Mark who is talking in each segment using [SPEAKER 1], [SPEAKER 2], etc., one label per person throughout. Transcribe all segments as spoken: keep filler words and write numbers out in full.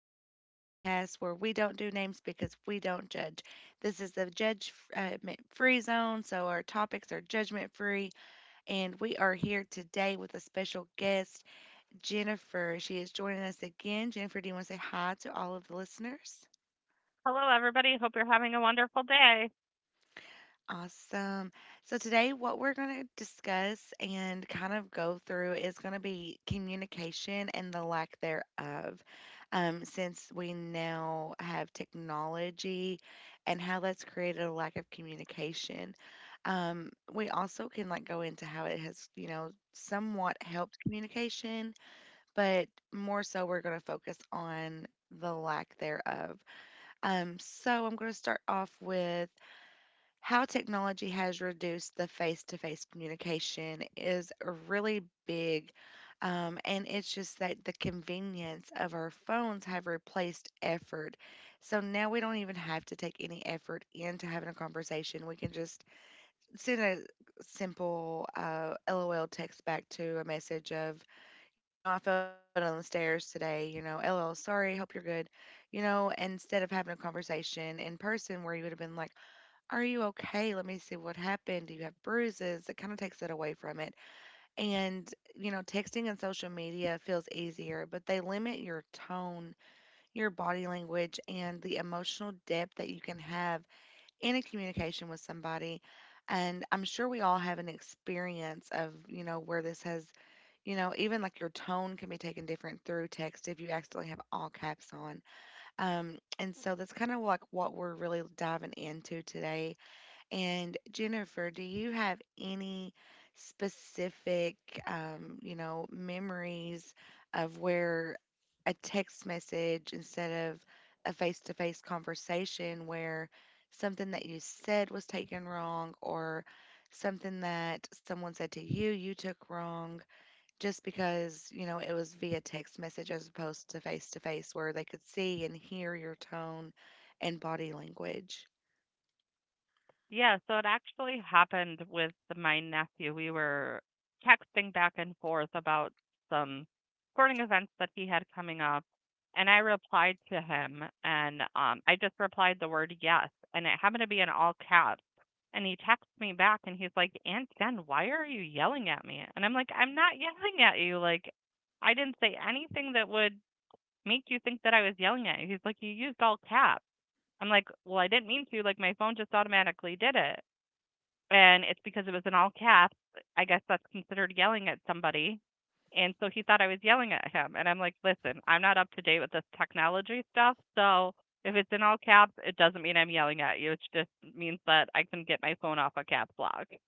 [SPEAKER 1] Unnamed Podcast where we don't do names because we don't judge. This is the judge uh, free zone, so our topics are judgment free. And we are here today with a special guest, Jennifer. She is joining us again. Jennifer, do you want to say hi to all of the listeners?
[SPEAKER 2] Hello, everybody. Hope you're having a wonderful day.
[SPEAKER 1] Awesome. So today what we're going to discuss and kind of go through is going to be communication and the lack thereof. Um, since we now have technology and how that's created a lack of communication. Um, we also can like go into how it has, you know, somewhat helped communication, but more so we're going to focus on the lack thereof. Um, so I'm going to start off with how technology has reduced the face to face communication is really big. Um, and it's just that the convenience of our phones have replaced effort. So now we don't even have to take any effort into having a conversation. We can just send a simple uh, LOL text back to a message of, you know, I fell down the stairs today, you know, LOL, sorry, hope you're good. You know, instead of having a conversation in person where you would have been like, are you okay? Let me see what happened. Do you have bruises? It kind of takes it away from it. And, you know, texting and social media feels easier, but they limit your tone, your body language, and the emotional depth that you can have in a communication with somebody. And I'm sure we all have an experience of, you know, where this has, you know, even like your tone can be taken different through text if you accidentally have all caps on. Um, and so that's kind of like what we're really diving into today and Jennifer, do you have any specific, um, you know, memories of where a text message instead of a face to face conversation where something that you said was taken wrong or something that someone said to you you took wrong just because, you know, it was via text message as opposed to face to face where they could see and hear your tone and body language?
[SPEAKER 2] Yeah, so it actually happened with my nephew. We were texting back and forth about some sporting events that he had coming up, and I replied to him, and um, I just replied the word yes, and it happened to be in all caps. And he texts me back, and he's like, "Aunt Jen, why are you yelling at me?" And I'm like, "I'm not yelling at you. Like, I didn't say anything that would make you think that I was yelling at you." He's like, "You used all caps." I'm like, well, I didn't mean to. Like, my phone just automatically did it. And it's because it was in all caps. I guess that's considered yelling at somebody. And so he thought I was yelling at him. And I'm like, listen, I'm not up to date with this technology stuff. So if it's in all caps, it doesn't mean I'm yelling at you. It just means that I can get my phone off a caps lock.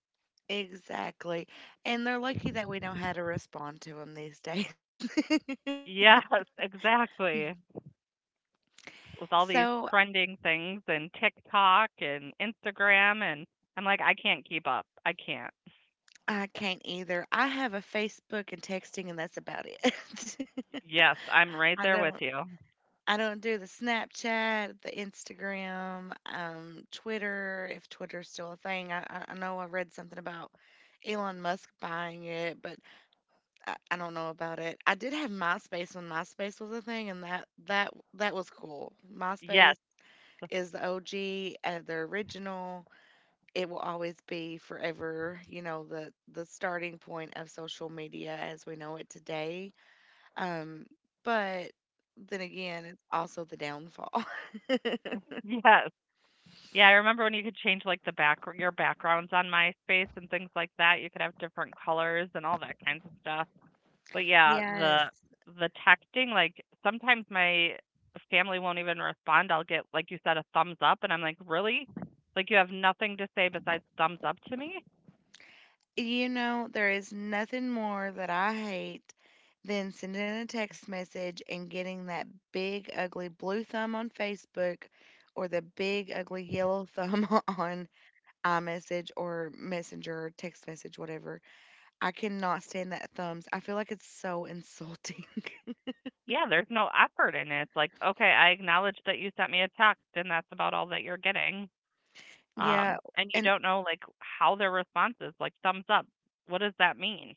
[SPEAKER 1] Exactly. And they're lucky that we know how to respond to them these days.
[SPEAKER 2] Yes, exactly. With all
[SPEAKER 1] So
[SPEAKER 2] these trending things and TikTok and Instagram. And I'm like, I can't keep up. I can't.
[SPEAKER 1] I can't either. I have a Facebook and texting, and that's about it.
[SPEAKER 2] Yes, I'm right
[SPEAKER 1] I
[SPEAKER 2] there
[SPEAKER 1] don't.
[SPEAKER 2] with you.
[SPEAKER 1] I don't do the Snapchat, the Instagram, um, Twitter, if Twitter's still a thing. I, I I know I read something about Elon Musk buying it, but I, I don't know about it. I did have MySpace when MySpace was a thing, and that that that was cool.
[SPEAKER 2] Yes.
[SPEAKER 1] MySpace is the O G and the original. It will always be forever, you know, the the starting point of social media as we know it today. Um, but then again, it's also the downfall.
[SPEAKER 2] Yes. Yeah, I remember when you could change like the back your backgrounds on MySpace and things like that. You could have different colors and all that kinds of stuff. But yeah, the
[SPEAKER 1] Yes.
[SPEAKER 2] the texting, like sometimes my family won't even respond. I'll get like you said a thumbs up and I'm like, "Really? Like you have nothing to say besides thumbs up to me?"
[SPEAKER 1] You know, there is nothing more that I hate than sending a text message and getting that big ugly blue thumb on Facebook or the big ugly yellow thumb on iMessage or Messenger, text message, whatever. I cannot stand that thumbs. I feel like it's so insulting.
[SPEAKER 2] Yeah, there's no effort in it. It's like, "Okay, I acknowledge that you sent me a text and that's about all that you're getting."
[SPEAKER 1] Yeah,
[SPEAKER 2] Um, and you
[SPEAKER 1] and
[SPEAKER 2] don't know like how their response is. Like thumbs up, what does that mean?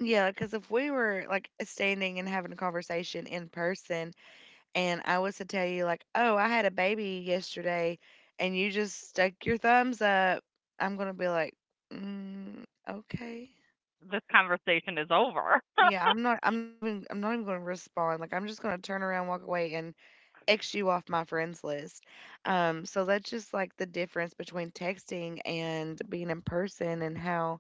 [SPEAKER 1] yeah, because if we were like standing and having a conversation in person, and I was to tell you like, "Oh, I had a baby yesterday," and you just stuck your thumbs up, I'm gonna be like, mm, "Okay."
[SPEAKER 2] This conversation is over.
[SPEAKER 1] Yeah, I'm not. I'm not even. I'm not even gonna respond. Like, I'm just gonna turn around, walk away, and X you off my friends list. Um, so that's just like the difference between texting and being in person and how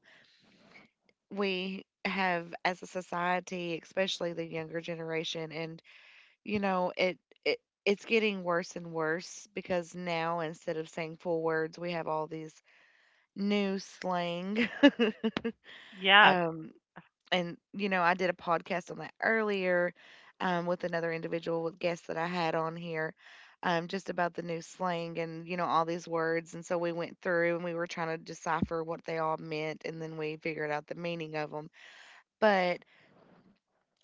[SPEAKER 1] we have as a society, especially the younger generation, and you know, it it it's getting worse and worse because now instead of saying full words, we have all these new slang.
[SPEAKER 2] Yes.
[SPEAKER 1] Um, and you know, I did a podcast on that earlier um, with another individual with guests that I had on here, um, just about the new slang and you know all these words. And so we went through and we were trying to decipher what they all meant, and then we figured out the meaning of them. But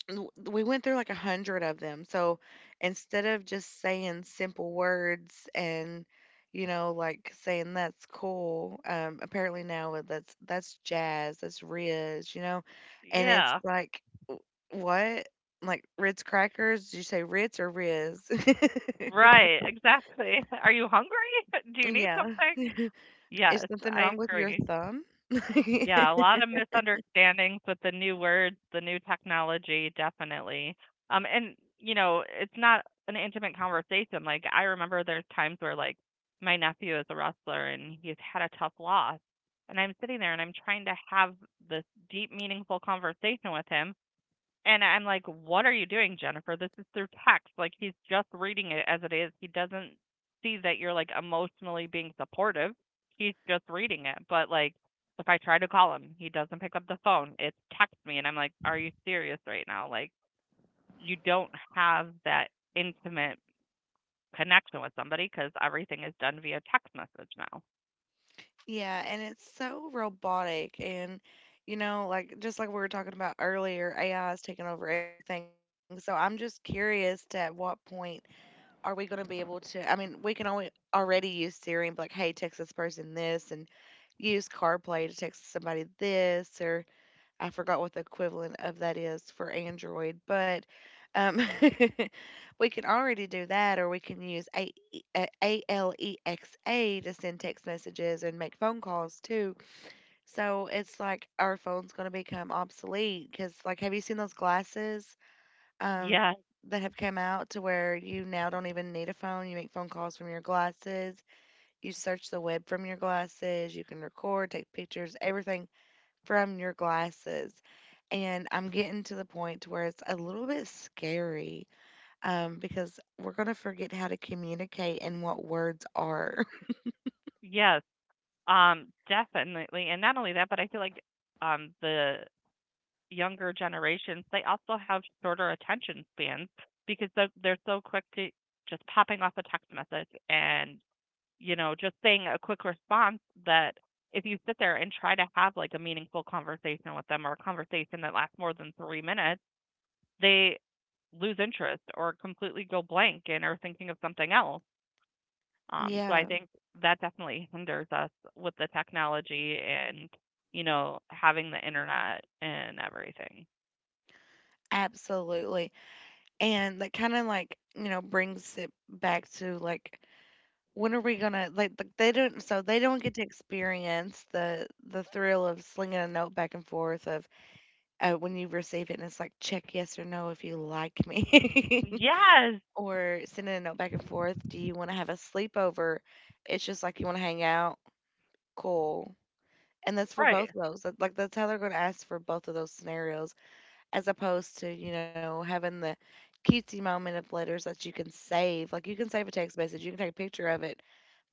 [SPEAKER 1] w- we went through like a hundred of them. So instead of just saying simple words and you know like saying that's cool, um, apparently now it- that's that's jazz, that's Riz, you know, and it's
[SPEAKER 2] Yeah.
[SPEAKER 1] like w- what like Ritz crackers? Did you say Ritz or Riz?
[SPEAKER 2] Right, exactly. Are you hungry? Do you need
[SPEAKER 1] Yeah,
[SPEAKER 2] something?
[SPEAKER 1] is
[SPEAKER 2] Yes,
[SPEAKER 1] something
[SPEAKER 2] I
[SPEAKER 1] wrong with your
[SPEAKER 2] agree.
[SPEAKER 1] thumb?
[SPEAKER 2] Yeah, a lot of misunderstandings with the new words, the new technology, definitely. Um, and you know, it's not an intimate conversation. Like I remember there's times where like my nephew is a wrestler and he's had a tough loss. And I'm sitting there and I'm trying to have this deep, meaningful conversation with him and I'm like, what are you doing, Jennifer? This is through text. Like, he's just reading it as it is. He doesn't see that you're like emotionally being supportive. He's just reading it. But like, if I try to call him, he doesn't pick up the phone. It's text me. And I'm like, are you serious right now? Like, you don't have that intimate connection with somebody because everything is done via text message now.
[SPEAKER 1] Yeah, and it's so robotic and you know, like just like we were talking about earlier, A I is taking over everything. So I'm just curious to at what point are we going to be able to I mean, we can only already use Siri and be like, "Hey, text this person this," and use CarPlay to text somebody this or I forgot what the equivalent of that is for Android, but um, we can already do that, or we can use A- uh, ALEXA to send text messages and make phone calls too. So it's like our phone's going to become obsolete because, like, have you seen those glasses um,
[SPEAKER 2] Yes,
[SPEAKER 1] that have come out to where you now don't even need a phone? You make phone calls from your glasses, you search the web from your glasses, you can record, take pictures, everything from your glasses. And I'm getting to the point to where it's a little bit scary um, because we're going to forget how to communicate and what words are.
[SPEAKER 2] yes, um, definitely. And not only that, but I feel like um the younger generations, they also have shorter attention spans because they're, they're so quick to just popping off a text message and, you know, just saying a quick response that if you sit there and try to have like a meaningful conversation with them or a conversation that lasts more than three minutes, they lose interest or completely go blank and are thinking of something else. Um, so I
[SPEAKER 1] Yeah,
[SPEAKER 2] think that definitely hinders us with the technology and, you know, having the internet and everything.
[SPEAKER 1] absolutely. And that kind of like, you know, brings it back to like, when are we gonna like th- they don't so they don't get to experience the the thrill of slinging a note back and forth of uh, when you receive it and it's like check yes or no if you like me
[SPEAKER 2] Yes.
[SPEAKER 1] or sending a note back and forth. Do you want to have a sleepover? It's just like you want to hang out. Cool. And that's for
[SPEAKER 2] Right.
[SPEAKER 1] both of those. That, like that's how they're going to ask for both of those scenarios, as opposed to you know having the cutesy moment of letters that you can save. Like you can save a text message, you can take a picture of it,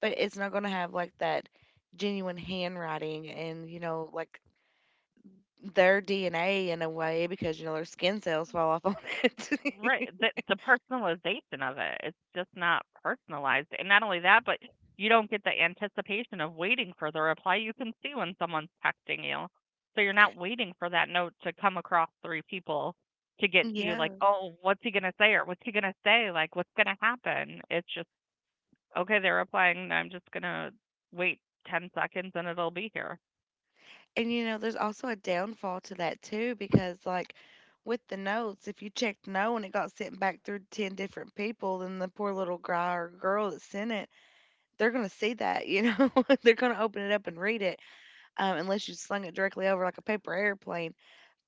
[SPEAKER 1] but it's not going to have like that genuine handwriting and you know like their D N A in a way because you know their skin cells fall off on it.
[SPEAKER 2] Right. The the personalization of it, it's just not personalized. And not only that, but you don't get the anticipation of waiting for the reply. You can see when someone's texting you. So you're not waiting for that note to come across three people to get to you like,
[SPEAKER 1] Yeah.
[SPEAKER 2] "Oh, what's he going to say?" or "What's he going to say?" Like, "What's going to happen?" It's just, "Okay, they're replying. I'm just going to wait ten seconds and it'll be here."
[SPEAKER 1] And you know, there's also a downfall to that too, because like with the notes, if you checked no and it got sent back through ten different people, then the poor little guy or girl that sent it, they're gonna see that, you know, they're gonna open it up and read it, um, unless you slung it directly over like a paper airplane.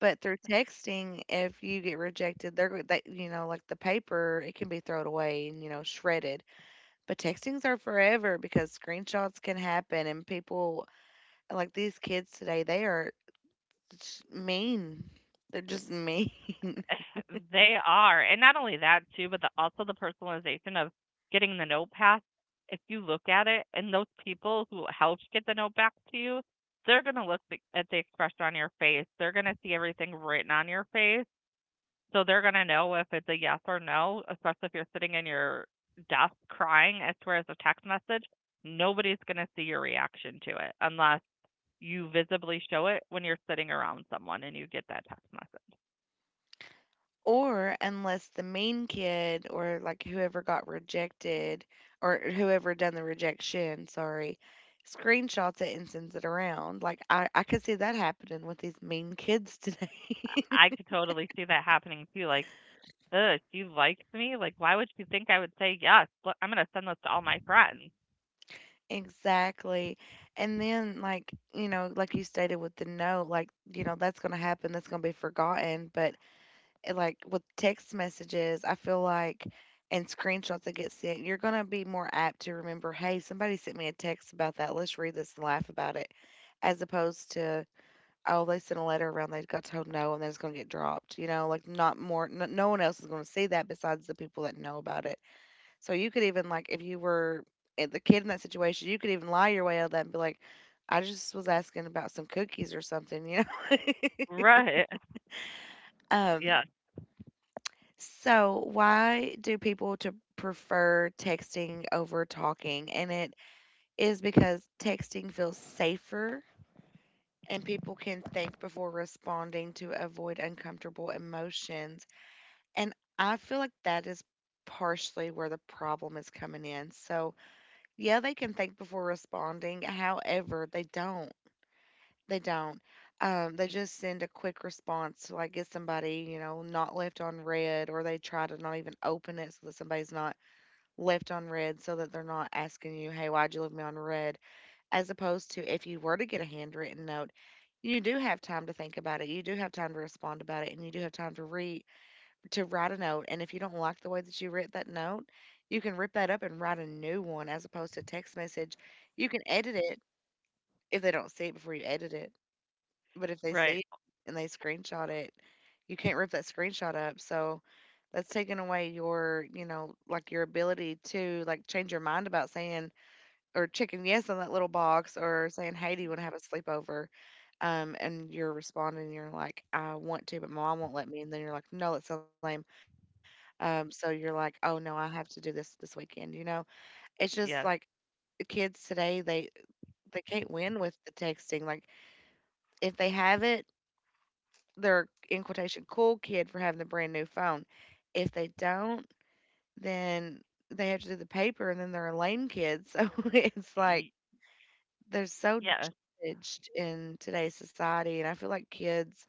[SPEAKER 1] But through texting, if you get rejected, they're go- they, you know, like the paper, it can be thrown away and you know shredded. But textings are forever because screenshots can happen and people like these kids today, they are it's mean. They're just mean.
[SPEAKER 2] They are. And not only that too, but the also the personalization of getting the note back. If you look at it and those people who helped get the note back to you, they're going to look the- at the expression on your face. They're going to see everything written on your face. So they're going to know if it's a yes or no, especially if you're sitting in your desk crying. As far as a text message, nobody's going to see your reaction to it unless you visibly show it when you're sitting around someone and you get that text message.
[SPEAKER 1] Or unless the mean kid or like whoever got rejected or whoever done the rejection, sorry, screenshots it and sends it around. Like I, I could see that happening with these mean kids today.
[SPEAKER 2] I could totally see that happening too. Like, ugh, she likes me. Like, why would she think I would say yes? Look, I'm gonna send this to all my friends.
[SPEAKER 1] Exactly. And then like, you know, like you stated with the note, like, you know, that's gonna happen, that's gonna be forgotten. But eh, like with text messages, I feel like and screenshots that get sent, you're gonna be more apt to remember, hey, somebody sent me a text about that. Let's read this and laugh about it. As opposed to, oh, they sent a letter around, they got told no, and then it's going to get dropped. You know, like not more, no, no one else is going to see that besides the people that know about it. So you could even, like, if you were eh, the kid in that situation, you could even lie your way out of that and be like, I just was asking about some cookies or something, you know?
[SPEAKER 2] Right.
[SPEAKER 1] um,
[SPEAKER 2] Yes.
[SPEAKER 1] So, why do people to prefer texting over talking? And it is because texting feels safer and people can think before responding to avoid uncomfortable emotions. And I feel like that is partially where the problem is coming in. So, yeah, they can think before responding. However, they don't. They don't. Um, they just send a quick response to like get somebody, you know, not left on red, or they try to not even open it so that somebody's not left on red so that they're not asking you, hey, why'd you leave me on red? As opposed to if you were to get a handwritten note, you do have time to think about it. You do have time to respond about it and you do have time to read to write a note. And if you don't like the way that you wrote that note, you can rip that up and write a new one as opposed to text message. You can edit it if they don't see it before you edit it, but if they see
[SPEAKER 2] Right.
[SPEAKER 1] it and they screenshot it, you can't rip that screenshot up. So that's taking away your, you know, like your ability to like change your mind about saying or checking yes on that little box or saying, hey, do you want to have a sleepover? Um, and you're responding, you're like, I want to, but my mom won't let me. And then you're like, no, that sounds lame. Um, so you're like, oh no, I have to do this this weekend. You know, it's just like
[SPEAKER 2] Yes.
[SPEAKER 1] the kids today, they they can't win with the texting. Like if they have it, their in quotation cool kid for having the brand new phone. If they don't, then they have to do the paper and then they're a lame kid. So it's like
[SPEAKER 2] Y-
[SPEAKER 1] they're so
[SPEAKER 2] yes.
[SPEAKER 1] judged in today's society. And I feel like kids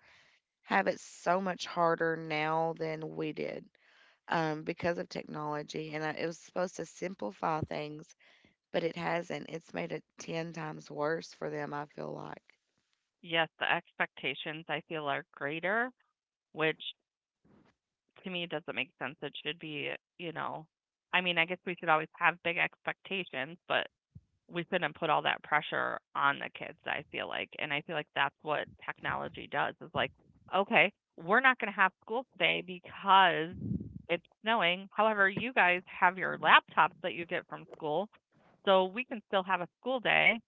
[SPEAKER 1] have it so much harder now than we did um, because of technology. And I, it was supposed to simplify things, but it hasn't. It's made it ten times worse for them, I feel like.
[SPEAKER 2] Yes. The expectations I feel are greater, which to me doesn't make sense. It should be, you know, I mean, I guess we should always have big expectations, but we couldn't put all that pressure on the kids, I feel like. And I feel like that's what technology does is like, okay, we're not going to have school today because it's snowing. However, you guys have your laptops that you get from school, so we can still have a school day.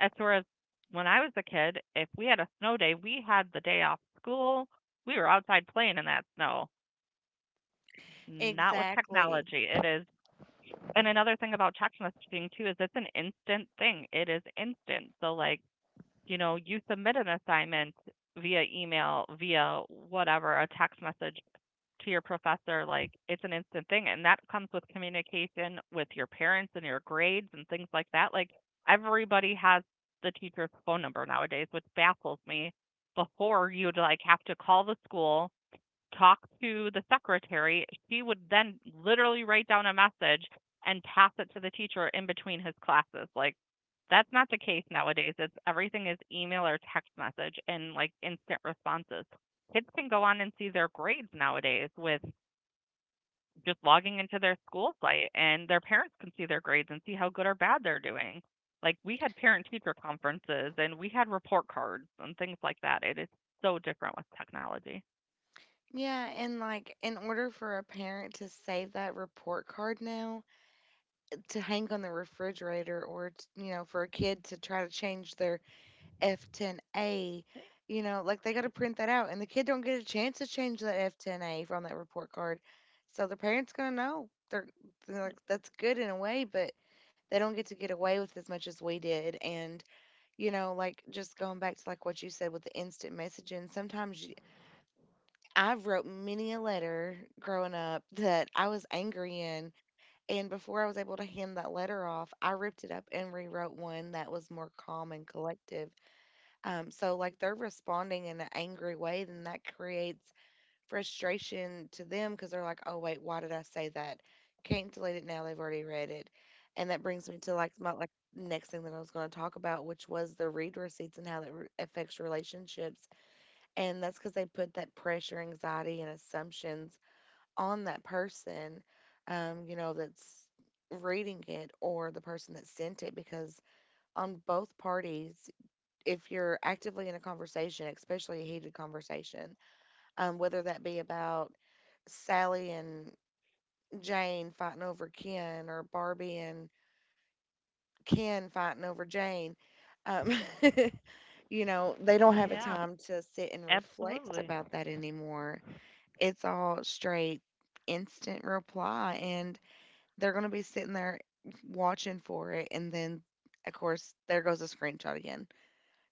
[SPEAKER 2] As far as when I was a kid, if we had a snow day, we had the day off school. We were outside playing in that snow. Not with
[SPEAKER 1] Exactly.
[SPEAKER 2] technology. It is, and another thing about text messaging too is it's an instant thing. It is instant. So like, you know, you submit an assignment via email, via whatever, a text message to your professor, like it's an instant thing. And that comes with communication with your parents and your grades and things like that. Like everybody has the teacher's phone number nowadays, which baffles me. Before you'd like have to call the school, talk to the secretary. She would then literally write down a message and pass it to the teacher in between his classes. Like that's not the case nowadays. It's everything is email or text message and like instant responses. Kids can go on and see their grades nowadays with just logging into their school site, and their parents can see their grades and see how good or bad they're doing. Like we had parent teacher conferences and we had report cards and things like that. It is so different with technology.
[SPEAKER 1] Yeah, and like in order for a parent to save that report card now to hang on the refrigerator or t you know, for a kid to try to change their F ten A, you know, like they got to print that out and the kid don't get a chance to change that F ten A from that report card. So the parents going to know. They're, they're like that's good in a way, but they don't get to get away with as much as we did. And you know, like just going back to like what you said with the instant messaging, sometimes I wrote many a letter growing up that I was angry in. And before I was able to hand that letter off, I ripped it up and rewrote one that was more calm and collective. Um, so, like, they're responding in an angry way, then that creates frustration to them because they're like, oh, wait, why did I say that? Can't delete it now. They've already read it. And that brings me to like my like next thing that I was going to talk about, which was the read receipts and how that re- affects relationships, and that's because they put that pressure, anxiety, and assumptions on that person, um, you know, that's reading it or the person that sent it. Because on both parties, if you're actively in a conversation, especially a heated conversation, um, whether that be about Sally and Jane fighting over Ken or Barbie and Ken fighting over Jane, um, you know, they don't have a
[SPEAKER 2] Yeah,
[SPEAKER 1] time to sit and reflect
[SPEAKER 2] absolutely.
[SPEAKER 1] about that anymore. It's all straight instant reply, and they're going to be sitting there watching for it, and then of course there goes a screenshot again.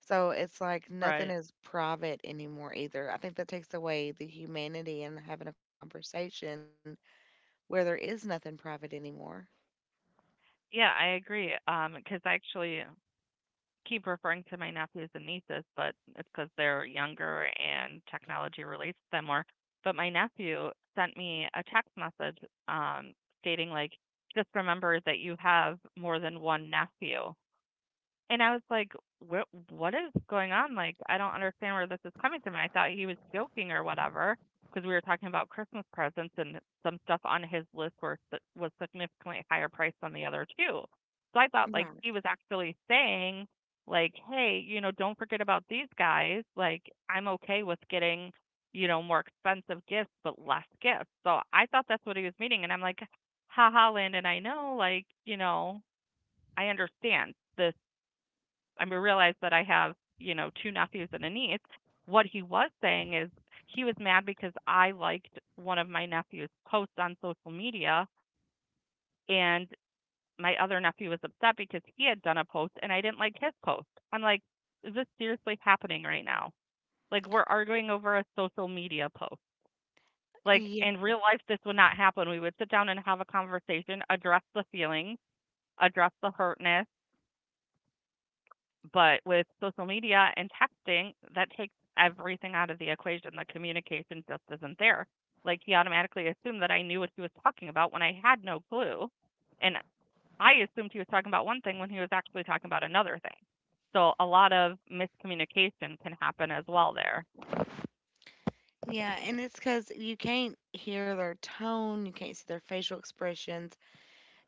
[SPEAKER 1] So it's like nothing
[SPEAKER 2] Right.
[SPEAKER 1] is private anymore either. I think that takes away the humanity in having a conversation where there is nothing private anymore.
[SPEAKER 2] Yeah, I agree. Um, because I actually keep referring to my nephews and nieces, but it's because 'cause they're younger and technology relates to them more. But my nephew sent me a text message um stating like, just remember that you have more than one nephew. And I was like, "What? What is going on? Like, I don't understand where this is coming from." And I thought he was joking or whatever, because we were talking about Christmas presents and some stuff on his list were si, was significantly higher priced than the other two. So I thought like
[SPEAKER 1] Right.
[SPEAKER 2] he was actually saying like, "Hey, you know, don't forget about these guys. Like, I'm okay with getting." You know, more expensive gifts, but less gifts. So I thought that's what he was meaning. And I'm like, haha, Landon, I know, like, you know, I understand this I realized that I have, you know, two nephews and a niece. What he was saying is he was mad because I liked one of my nephew's posts on social media, and my other nephew was upset because he had done a post and I didn't like his post. I'm like, is this seriously happening right now? Like we're arguing over a social media post. Like
[SPEAKER 1] yeah
[SPEAKER 2] in real life this would not happen. We would sit down and have a conversation, address the feelings, address the hurtness. But with social media and texting, that takes everything out of the equation. The communication just isn't there. Like he automatically assumed that I knew what he was talking about when I had no clue. And I assumed he was talking about one thing when he was actually talking about another thing. So a lot of miscommunication can happen as well there.
[SPEAKER 1] yeah and it's because you can't hear their tone, you can't see their facial expressions.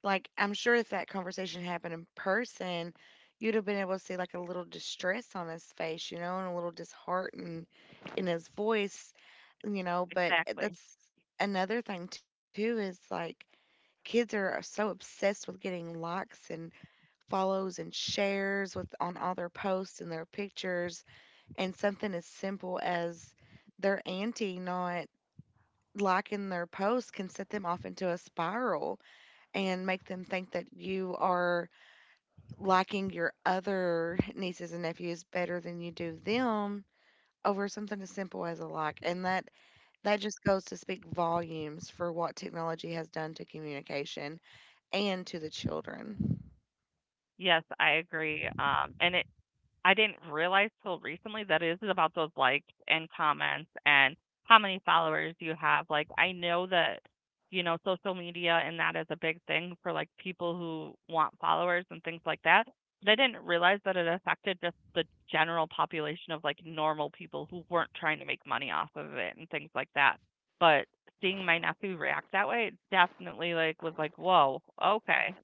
[SPEAKER 1] Like, I'm sure if that conversation happened in person, you'd have been able to see like a little distress on his face, you know, and a little disheartened in his voice, you know. But eh,
[SPEAKER 2] Exactly.
[SPEAKER 1] that's another thing too, is like kids are uh, so obsessed with getting likes and follows and shares with on all their posts and their pictures, and something as simple as their auntie not liking their post can set them off into a spiral and make them think that you are liking your other nieces and nephews better than you do them over something as simple as a like. And that, that just goes to speak volumes for what technology has done to communication and to the children.
[SPEAKER 2] Yes, I agree. Um, and it, I didn't realize till recently that it is about those likes and comments and how many followers you have. Like I know that you know social media and that is a big thing for like people who want followers and things like that. But I didn't realize that it affected just the general population of like normal people who weren't trying to make money off of it and things like that. But seeing my nephew react that way, it definitely like was like, "Whoa, okay.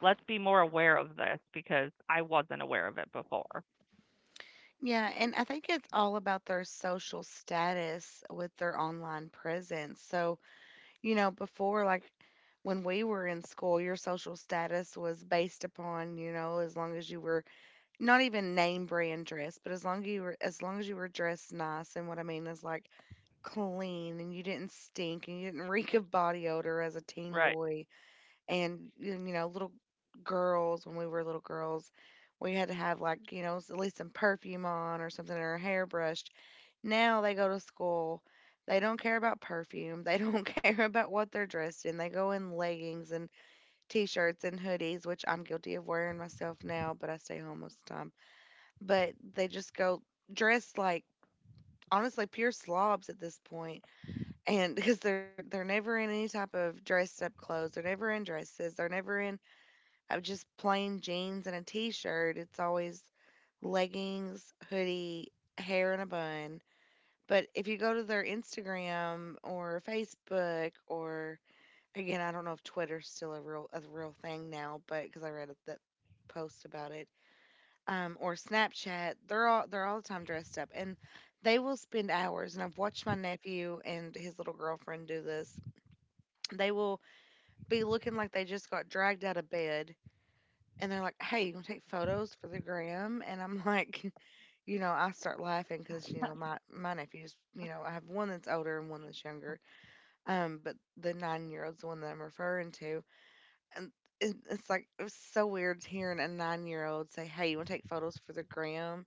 [SPEAKER 2] Let's be more aware of this because I wasn't aware of it before."
[SPEAKER 1] Yeah, and I think it's all about their social status with their online presence. So you know, before, like, when we were in school, your social status was based upon, you know, as long as you were, not even name brand dress, but as long as you were, as long as you were dressed nice. And what I mean is like clean, and you didn't stink, and you didn't reek of body odor as a teen
[SPEAKER 2] Right.
[SPEAKER 1] boy, and you you know, little girls, when we were little girls, we had to have, like, you know, s- at least some perfume on or something, or hair brushed. Now they go to school, they don't care about perfume. They don't care about what they're dressed in. They go in leggings and t-shirts and hoodies, which I'm guilty of wearing myself now, but I stay home most of the time. But they just go dressed like, honestly, pure slobs at this point. And because they're they're never in any type of dressed up clothes, they're never in dresses, they're never in uh, just plain jeans and a t-shirt. It's always leggings, hoodie, hair in a bun. But if you go to their Instagram or Facebook or, again, I don't know if Twitter's still a real a real thing now, but because I read that post about it, um, or Snapchat, they're all they're all the time dressed up. And they will spend hours. And I've watched my nephew and his little girlfriend do this. They will be looking like they just got dragged out of bed, and they're like, "Hey, you want to take photos for the gram?" And I'm like, you know, I start laughing because, you know, my my nephews, you know, I have one that's older and one that's younger. Um, but the nine year old's the one that I'm referring to, and. it- It's like it was so weird hearing a nine year old say, hey, you want to take photos for the gram?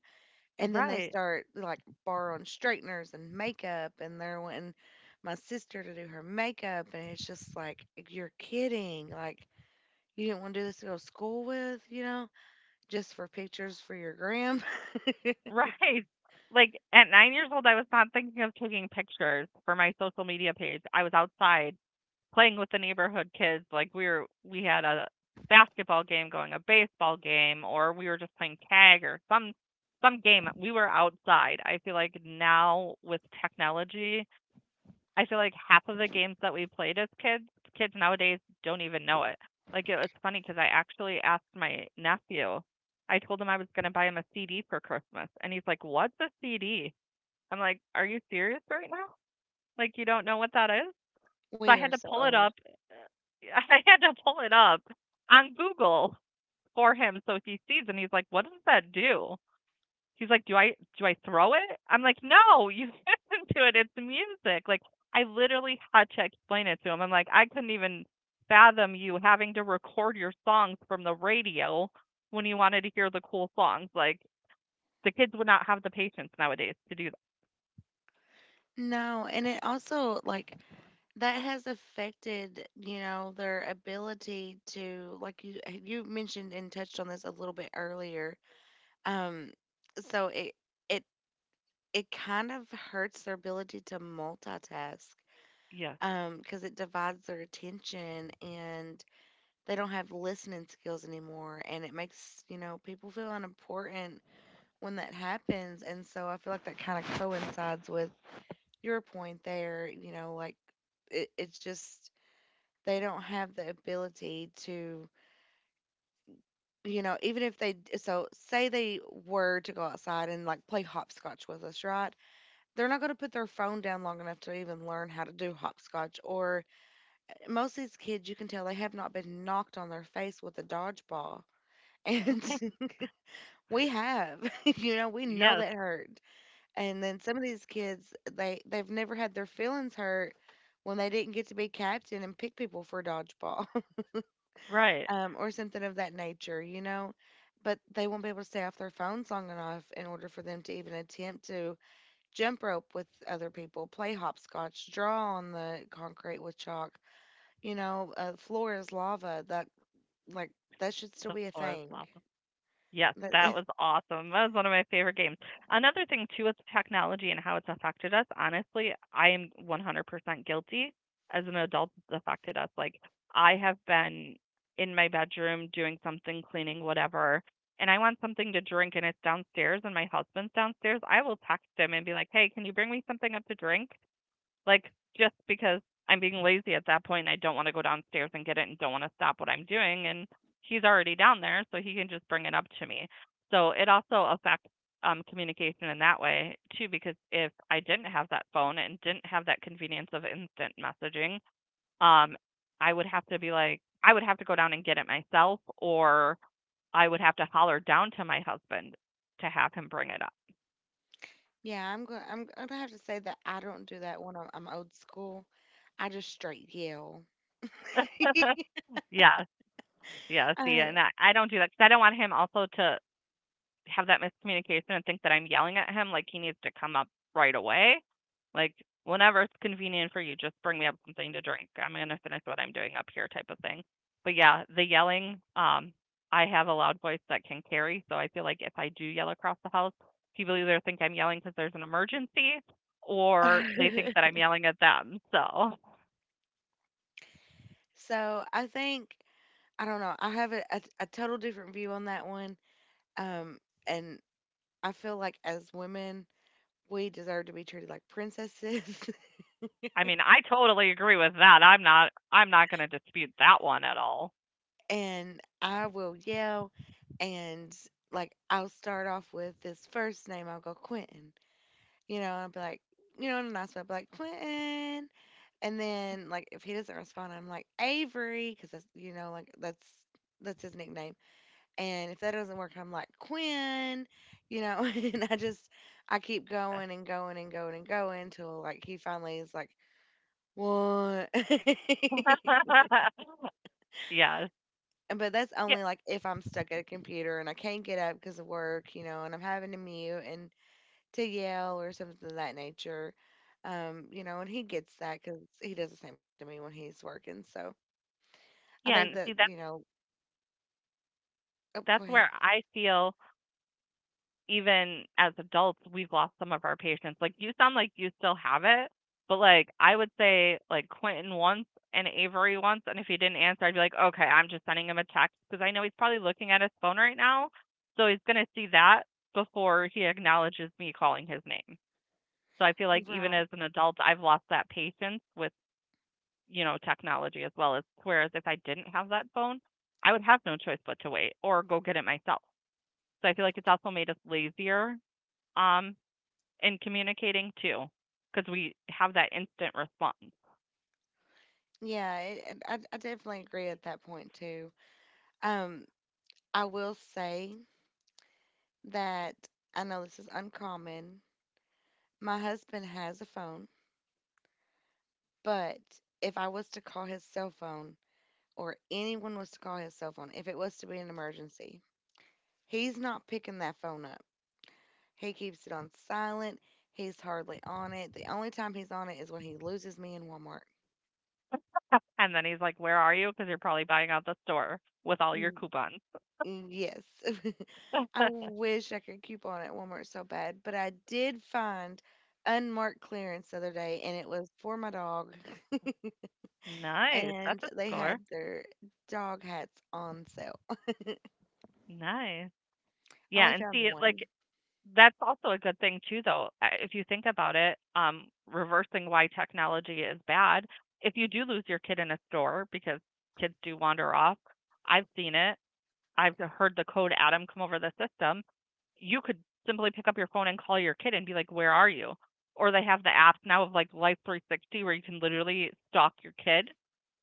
[SPEAKER 1] And then they
[SPEAKER 2] Right.
[SPEAKER 1] start like borrowing straighteners and makeup, and they're wanting my sister to do her makeup. And it's just like, you're kidding. Like, you didn't want to do this to go to school with, you know, just for pictures for your gram.
[SPEAKER 2] Right. Like at nine years old, I was not thinking of taking pictures for my social media page. I was outside playing with the neighborhood kids. Like we were, we had a basketball game going, a baseball game, or we were just playing tag or some some game. We were outside. I feel like now with technology, I feel like half of the games that we played as kids, kids nowadays don't even know it. Like it was funny because I actually asked my nephew. I told him I was going to buy him a C D for Christmas, and he's like, "What's a C D?" I'm like, "Are you serious right now? Like you don't know what that is?" So
[SPEAKER 1] We
[SPEAKER 2] I
[SPEAKER 1] are
[SPEAKER 2] had to
[SPEAKER 1] so
[SPEAKER 2] pull it
[SPEAKER 1] old.
[SPEAKER 2] up. I had to pull it up on Google for him so he sees, and he's like, "What does that do?" He's like, "Do I do I throw it?" I'm like, "No, you listen to it. It's music." Like I literally had to explain it to him. I'm like, "I couldn't even fathom you having to record your songs from the radio when you wanted to hear the cool songs. Like the kids would not have the patience nowadays to do that."
[SPEAKER 1] No, and it also like that has affected, you know, their ability to like, you you mentioned and touched on this a little bit earlier. Um, so it it it kind of hurts their ability to multitask
[SPEAKER 2] Yes.
[SPEAKER 1] um because it divides their attention, and they don't have listening skills anymore, and it makes, you know, people feel unimportant when that happens. And so I feel like that kind of coincides with your point there, you know, like it, it's just they don't have the ability to, you know, even if they d- so say they were to go outside and like play hopscotch with us, right, they're not going to put their phone down long enough to even learn how to do hopscotch. Or eh, most of these kids, you can tell they have not been knocked on their face with a dodgeball. And
[SPEAKER 2] Mhm.
[SPEAKER 1] we have, you know, we know
[SPEAKER 2] Yes.
[SPEAKER 1] that hurt. And then some of these kids, they they've never had their feelings hurt when they didn't get to be captain and pick people for dodgeball,
[SPEAKER 2] Right.
[SPEAKER 1] um, or something of that nature, you know. But they won't be able to stay off their phones long enough in order for them to even attempt to jump rope with other people, play hopscotch, draw on the concrete with chalk. You know, uh, floor is lava. That like that should still
[SPEAKER 2] The
[SPEAKER 1] be a
[SPEAKER 2] floor is
[SPEAKER 1] thing.
[SPEAKER 2] lava. Yes,
[SPEAKER 1] That,
[SPEAKER 2] that was awesome. That was one of my favorite games. Another thing too with technology and how it's affected us, honestly, I am one hundred percent guilty as an adult it's affected us. Like I have been in my bedroom doing something, cleaning whatever, and I want something to drink and it's downstairs and my husband's downstairs, I will text him and be like, "Hey, can you bring me something up to drink?" Like just because I'm being lazy at that point, I don't want to go downstairs and get it and don't want to stop what I'm doing and he's already down there so he can just bring it up to me. So it also affects um communication in that way too because if I didn't have that phone and didn't have that convenience of instant messaging, um I would have to be like I would have to go down and get it myself or I would have to holler down to my husband to have him bring it up.
[SPEAKER 1] yeah, I'm gonna I'm gonna have to say that I don't do that. when I'm, I'm old school. I just straight yell.
[SPEAKER 2] Yeah. Yeah, see,
[SPEAKER 1] uh,
[SPEAKER 2] and I, I don't do that because I don't want him also to have that miscommunication and think that I'm yelling at him. Like he needs to come up right away. Like whenever it's convenient for you, just bring me up something to drink. I'm gonna finish what I'm doing up here, type of thing. But yeah, the yelling. Um, I have a loud voice that can carry, so I feel like if I do yell across the house, people either think I'm yelling because there's an emergency, or they think that I'm yelling at them. So
[SPEAKER 1] so I think, I don't know. I have a, a, a total different view on that one. Um, and I feel like as women, we deserve to be treated like princesses.
[SPEAKER 2] I mean, I totally agree with that. I'm not. I'm not gonna dispute that one at all.
[SPEAKER 1] And I will yell. And like I'll start off with this first name. I'll go Quentin. You know, I'll be like, you know, an announcement. I'll be like Quentin, and then like if he doesn't respond, I'm like Avery, because that's, you know, like that's that's his nickname. And if that doesn't work, I'm like Quinn. You know, and I just I keep going and going and going and going until like he finally is like what.
[SPEAKER 2] Yes.
[SPEAKER 1] And but that's
[SPEAKER 2] Yeah,
[SPEAKER 1] only like if I'm stuck at a computer and I can't get up because of work, you know, and I'm having to mute and to yell or something of that nature. Um, you know, and he gets that because he does the same thing to me when he's working. So I think that,
[SPEAKER 2] yeah,
[SPEAKER 1] you
[SPEAKER 2] and see,
[SPEAKER 1] know,
[SPEAKER 2] that's
[SPEAKER 1] oh, go ahead.
[SPEAKER 2] that's where I feel even as adults, we've lost some of our patience. Like, you sound like you still have it, but, like, I would say, like, Quentin once and Avery once, and if he didn't answer, I'd be like, "Okay, I'm just sending him a text because I know he's probably looking at his phone right now, so he's gonna see that before he acknowledges me calling his name. So I feel like even
[SPEAKER 1] Right.
[SPEAKER 2] as an adult, I've lost that patience with you know, technology as well as whereas if I didn't have that phone, I would have no choice but to wait or go get it myself. So I feel like it's also made us lazier um in communicating too because we have that instant response.
[SPEAKER 1] Yeah, it, and I, I definitely agree at that point too. Um, I will say that I know this is uncommon. My husband has a phone, but if I was to call his cell phone, or anyone was to call his cell phone if it was to be an emergency. He's not picking that phone up. He keeps it on silent. He's hardly on it. The only time he's on it is when he loses me in Walmart.
[SPEAKER 2] And then he's like, "Where are you? Because you're probably buying out the store with all your
[SPEAKER 1] Mm,
[SPEAKER 2] coupons."
[SPEAKER 1] mm, Yes. I wish I could keep on at Walmart so bad, but I did find unmarked clearance the other day and it was for my dog.
[SPEAKER 2] Nice. That's
[SPEAKER 1] And
[SPEAKER 2] a
[SPEAKER 1] they
[SPEAKER 2] score.
[SPEAKER 1] had their dog hats on sale.
[SPEAKER 2] Nice.
[SPEAKER 1] I
[SPEAKER 2] Yeah,
[SPEAKER 1] only
[SPEAKER 2] and
[SPEAKER 1] found
[SPEAKER 2] see, it like
[SPEAKER 1] one.
[SPEAKER 2] that's also a good thing too though. I- If you think about it, um reversing why technology is bad, if you do lose your kid in a store because kids do wander off, I've seen it. I've heard the code Adam come over the system. You could simply pick up your phone and call your kid and be like, "Where are you?" Or they have the apps now of like Life three sixty where you can literally stalk your kid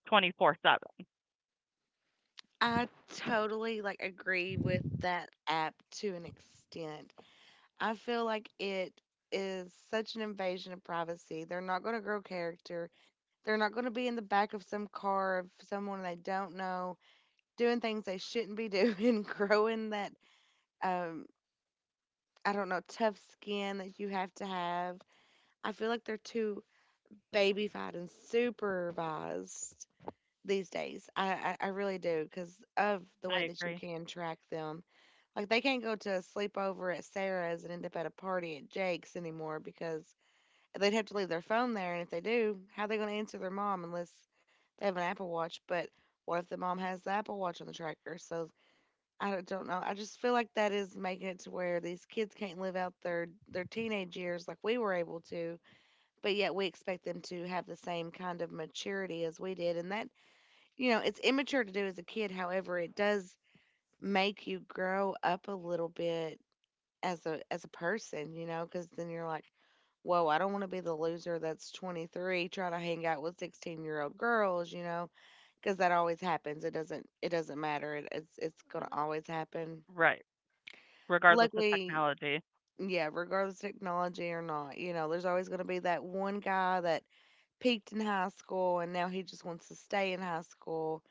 [SPEAKER 2] twenty-four seven.
[SPEAKER 1] I totally like agree with that app to an extent. I feel like it is such an invasion of privacy. They're not going to grow character. They're not going to be in the back of some car of someone they don't know, doing things they shouldn't be doing, growing that um I don't know, tough skin that you have to have. I feel like they're too babyfied and supervised these days. I I, I really do because of the
[SPEAKER 2] I
[SPEAKER 1] way that you
[SPEAKER 2] agree.
[SPEAKER 1] can track them. Like they can't go to a sleepover at Sarah's and end up at a party at Jake's anymore because they'd have to leave their phone there. And if they do, how are they going to answer their mom unless they have an Apple Watch? But what if the mom has the Apple Watch on the tracker? So I don't know. I just feel like that is making it to where these kids can't live out their their teenage years like we were able to, but yet we expect them to have the same kind of maturity as we did. And that, you know, it's immature to do as a kid. However, it does make you grow up a little bit as a as a person, you know, because then you're like, whoa, I don't want to be the loser that's twenty-three trying to hang out with sixteen year old girls, you know, because that always happens. It doesn't it doesn't matter. It, it's it's gonna always happen.
[SPEAKER 2] Right. Regardless of
[SPEAKER 1] Luckily,
[SPEAKER 2] technology.
[SPEAKER 1] yeah, regardless of technology or not, you know, there's always gonna be that one guy that peaked in high school and now he just wants to stay in high school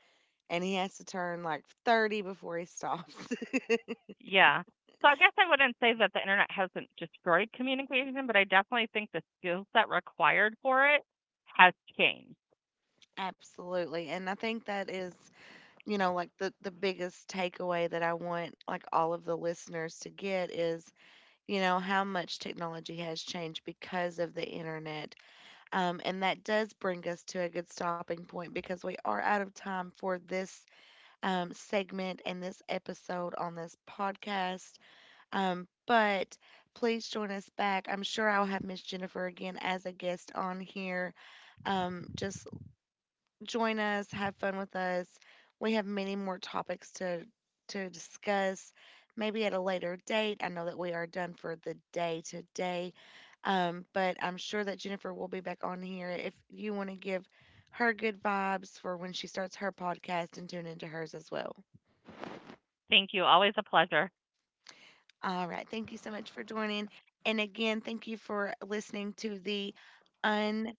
[SPEAKER 1] and he has to turn like thirty before he stops.
[SPEAKER 2] Yeah. So I guess I wouldn't say that the internet hasn't destroyed communication, but I definitely think the skill set required for it has changed.
[SPEAKER 1] Absolutely. And I think that is, you know, like the the biggest takeaway that I want like all of the listeners to get is, you know, how much technology has changed because of the internet. Um, and that does bring us to a good stopping point because we are out of time for this um, segment and this episode on this podcast. Um, but please join us back. I'm sure I'll have Miss Jennifer again as a guest on here. Um, just Join us, have fun with us. We have many more topics to to discuss, maybe at a later date. I know that we are done for the day today, um, but I'm sure that Jennifer will be back on here if you want to give her good vibes for when she starts her podcast and tune into hers as well.
[SPEAKER 2] Thank you. Always a pleasure.
[SPEAKER 1] All right, thank you so much for joining, and again, thank you for listening to the un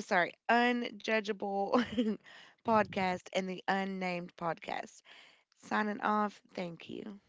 [SPEAKER 1] sorry unjudgeable podcast and the unnamed podcast. Signing off. Thank you.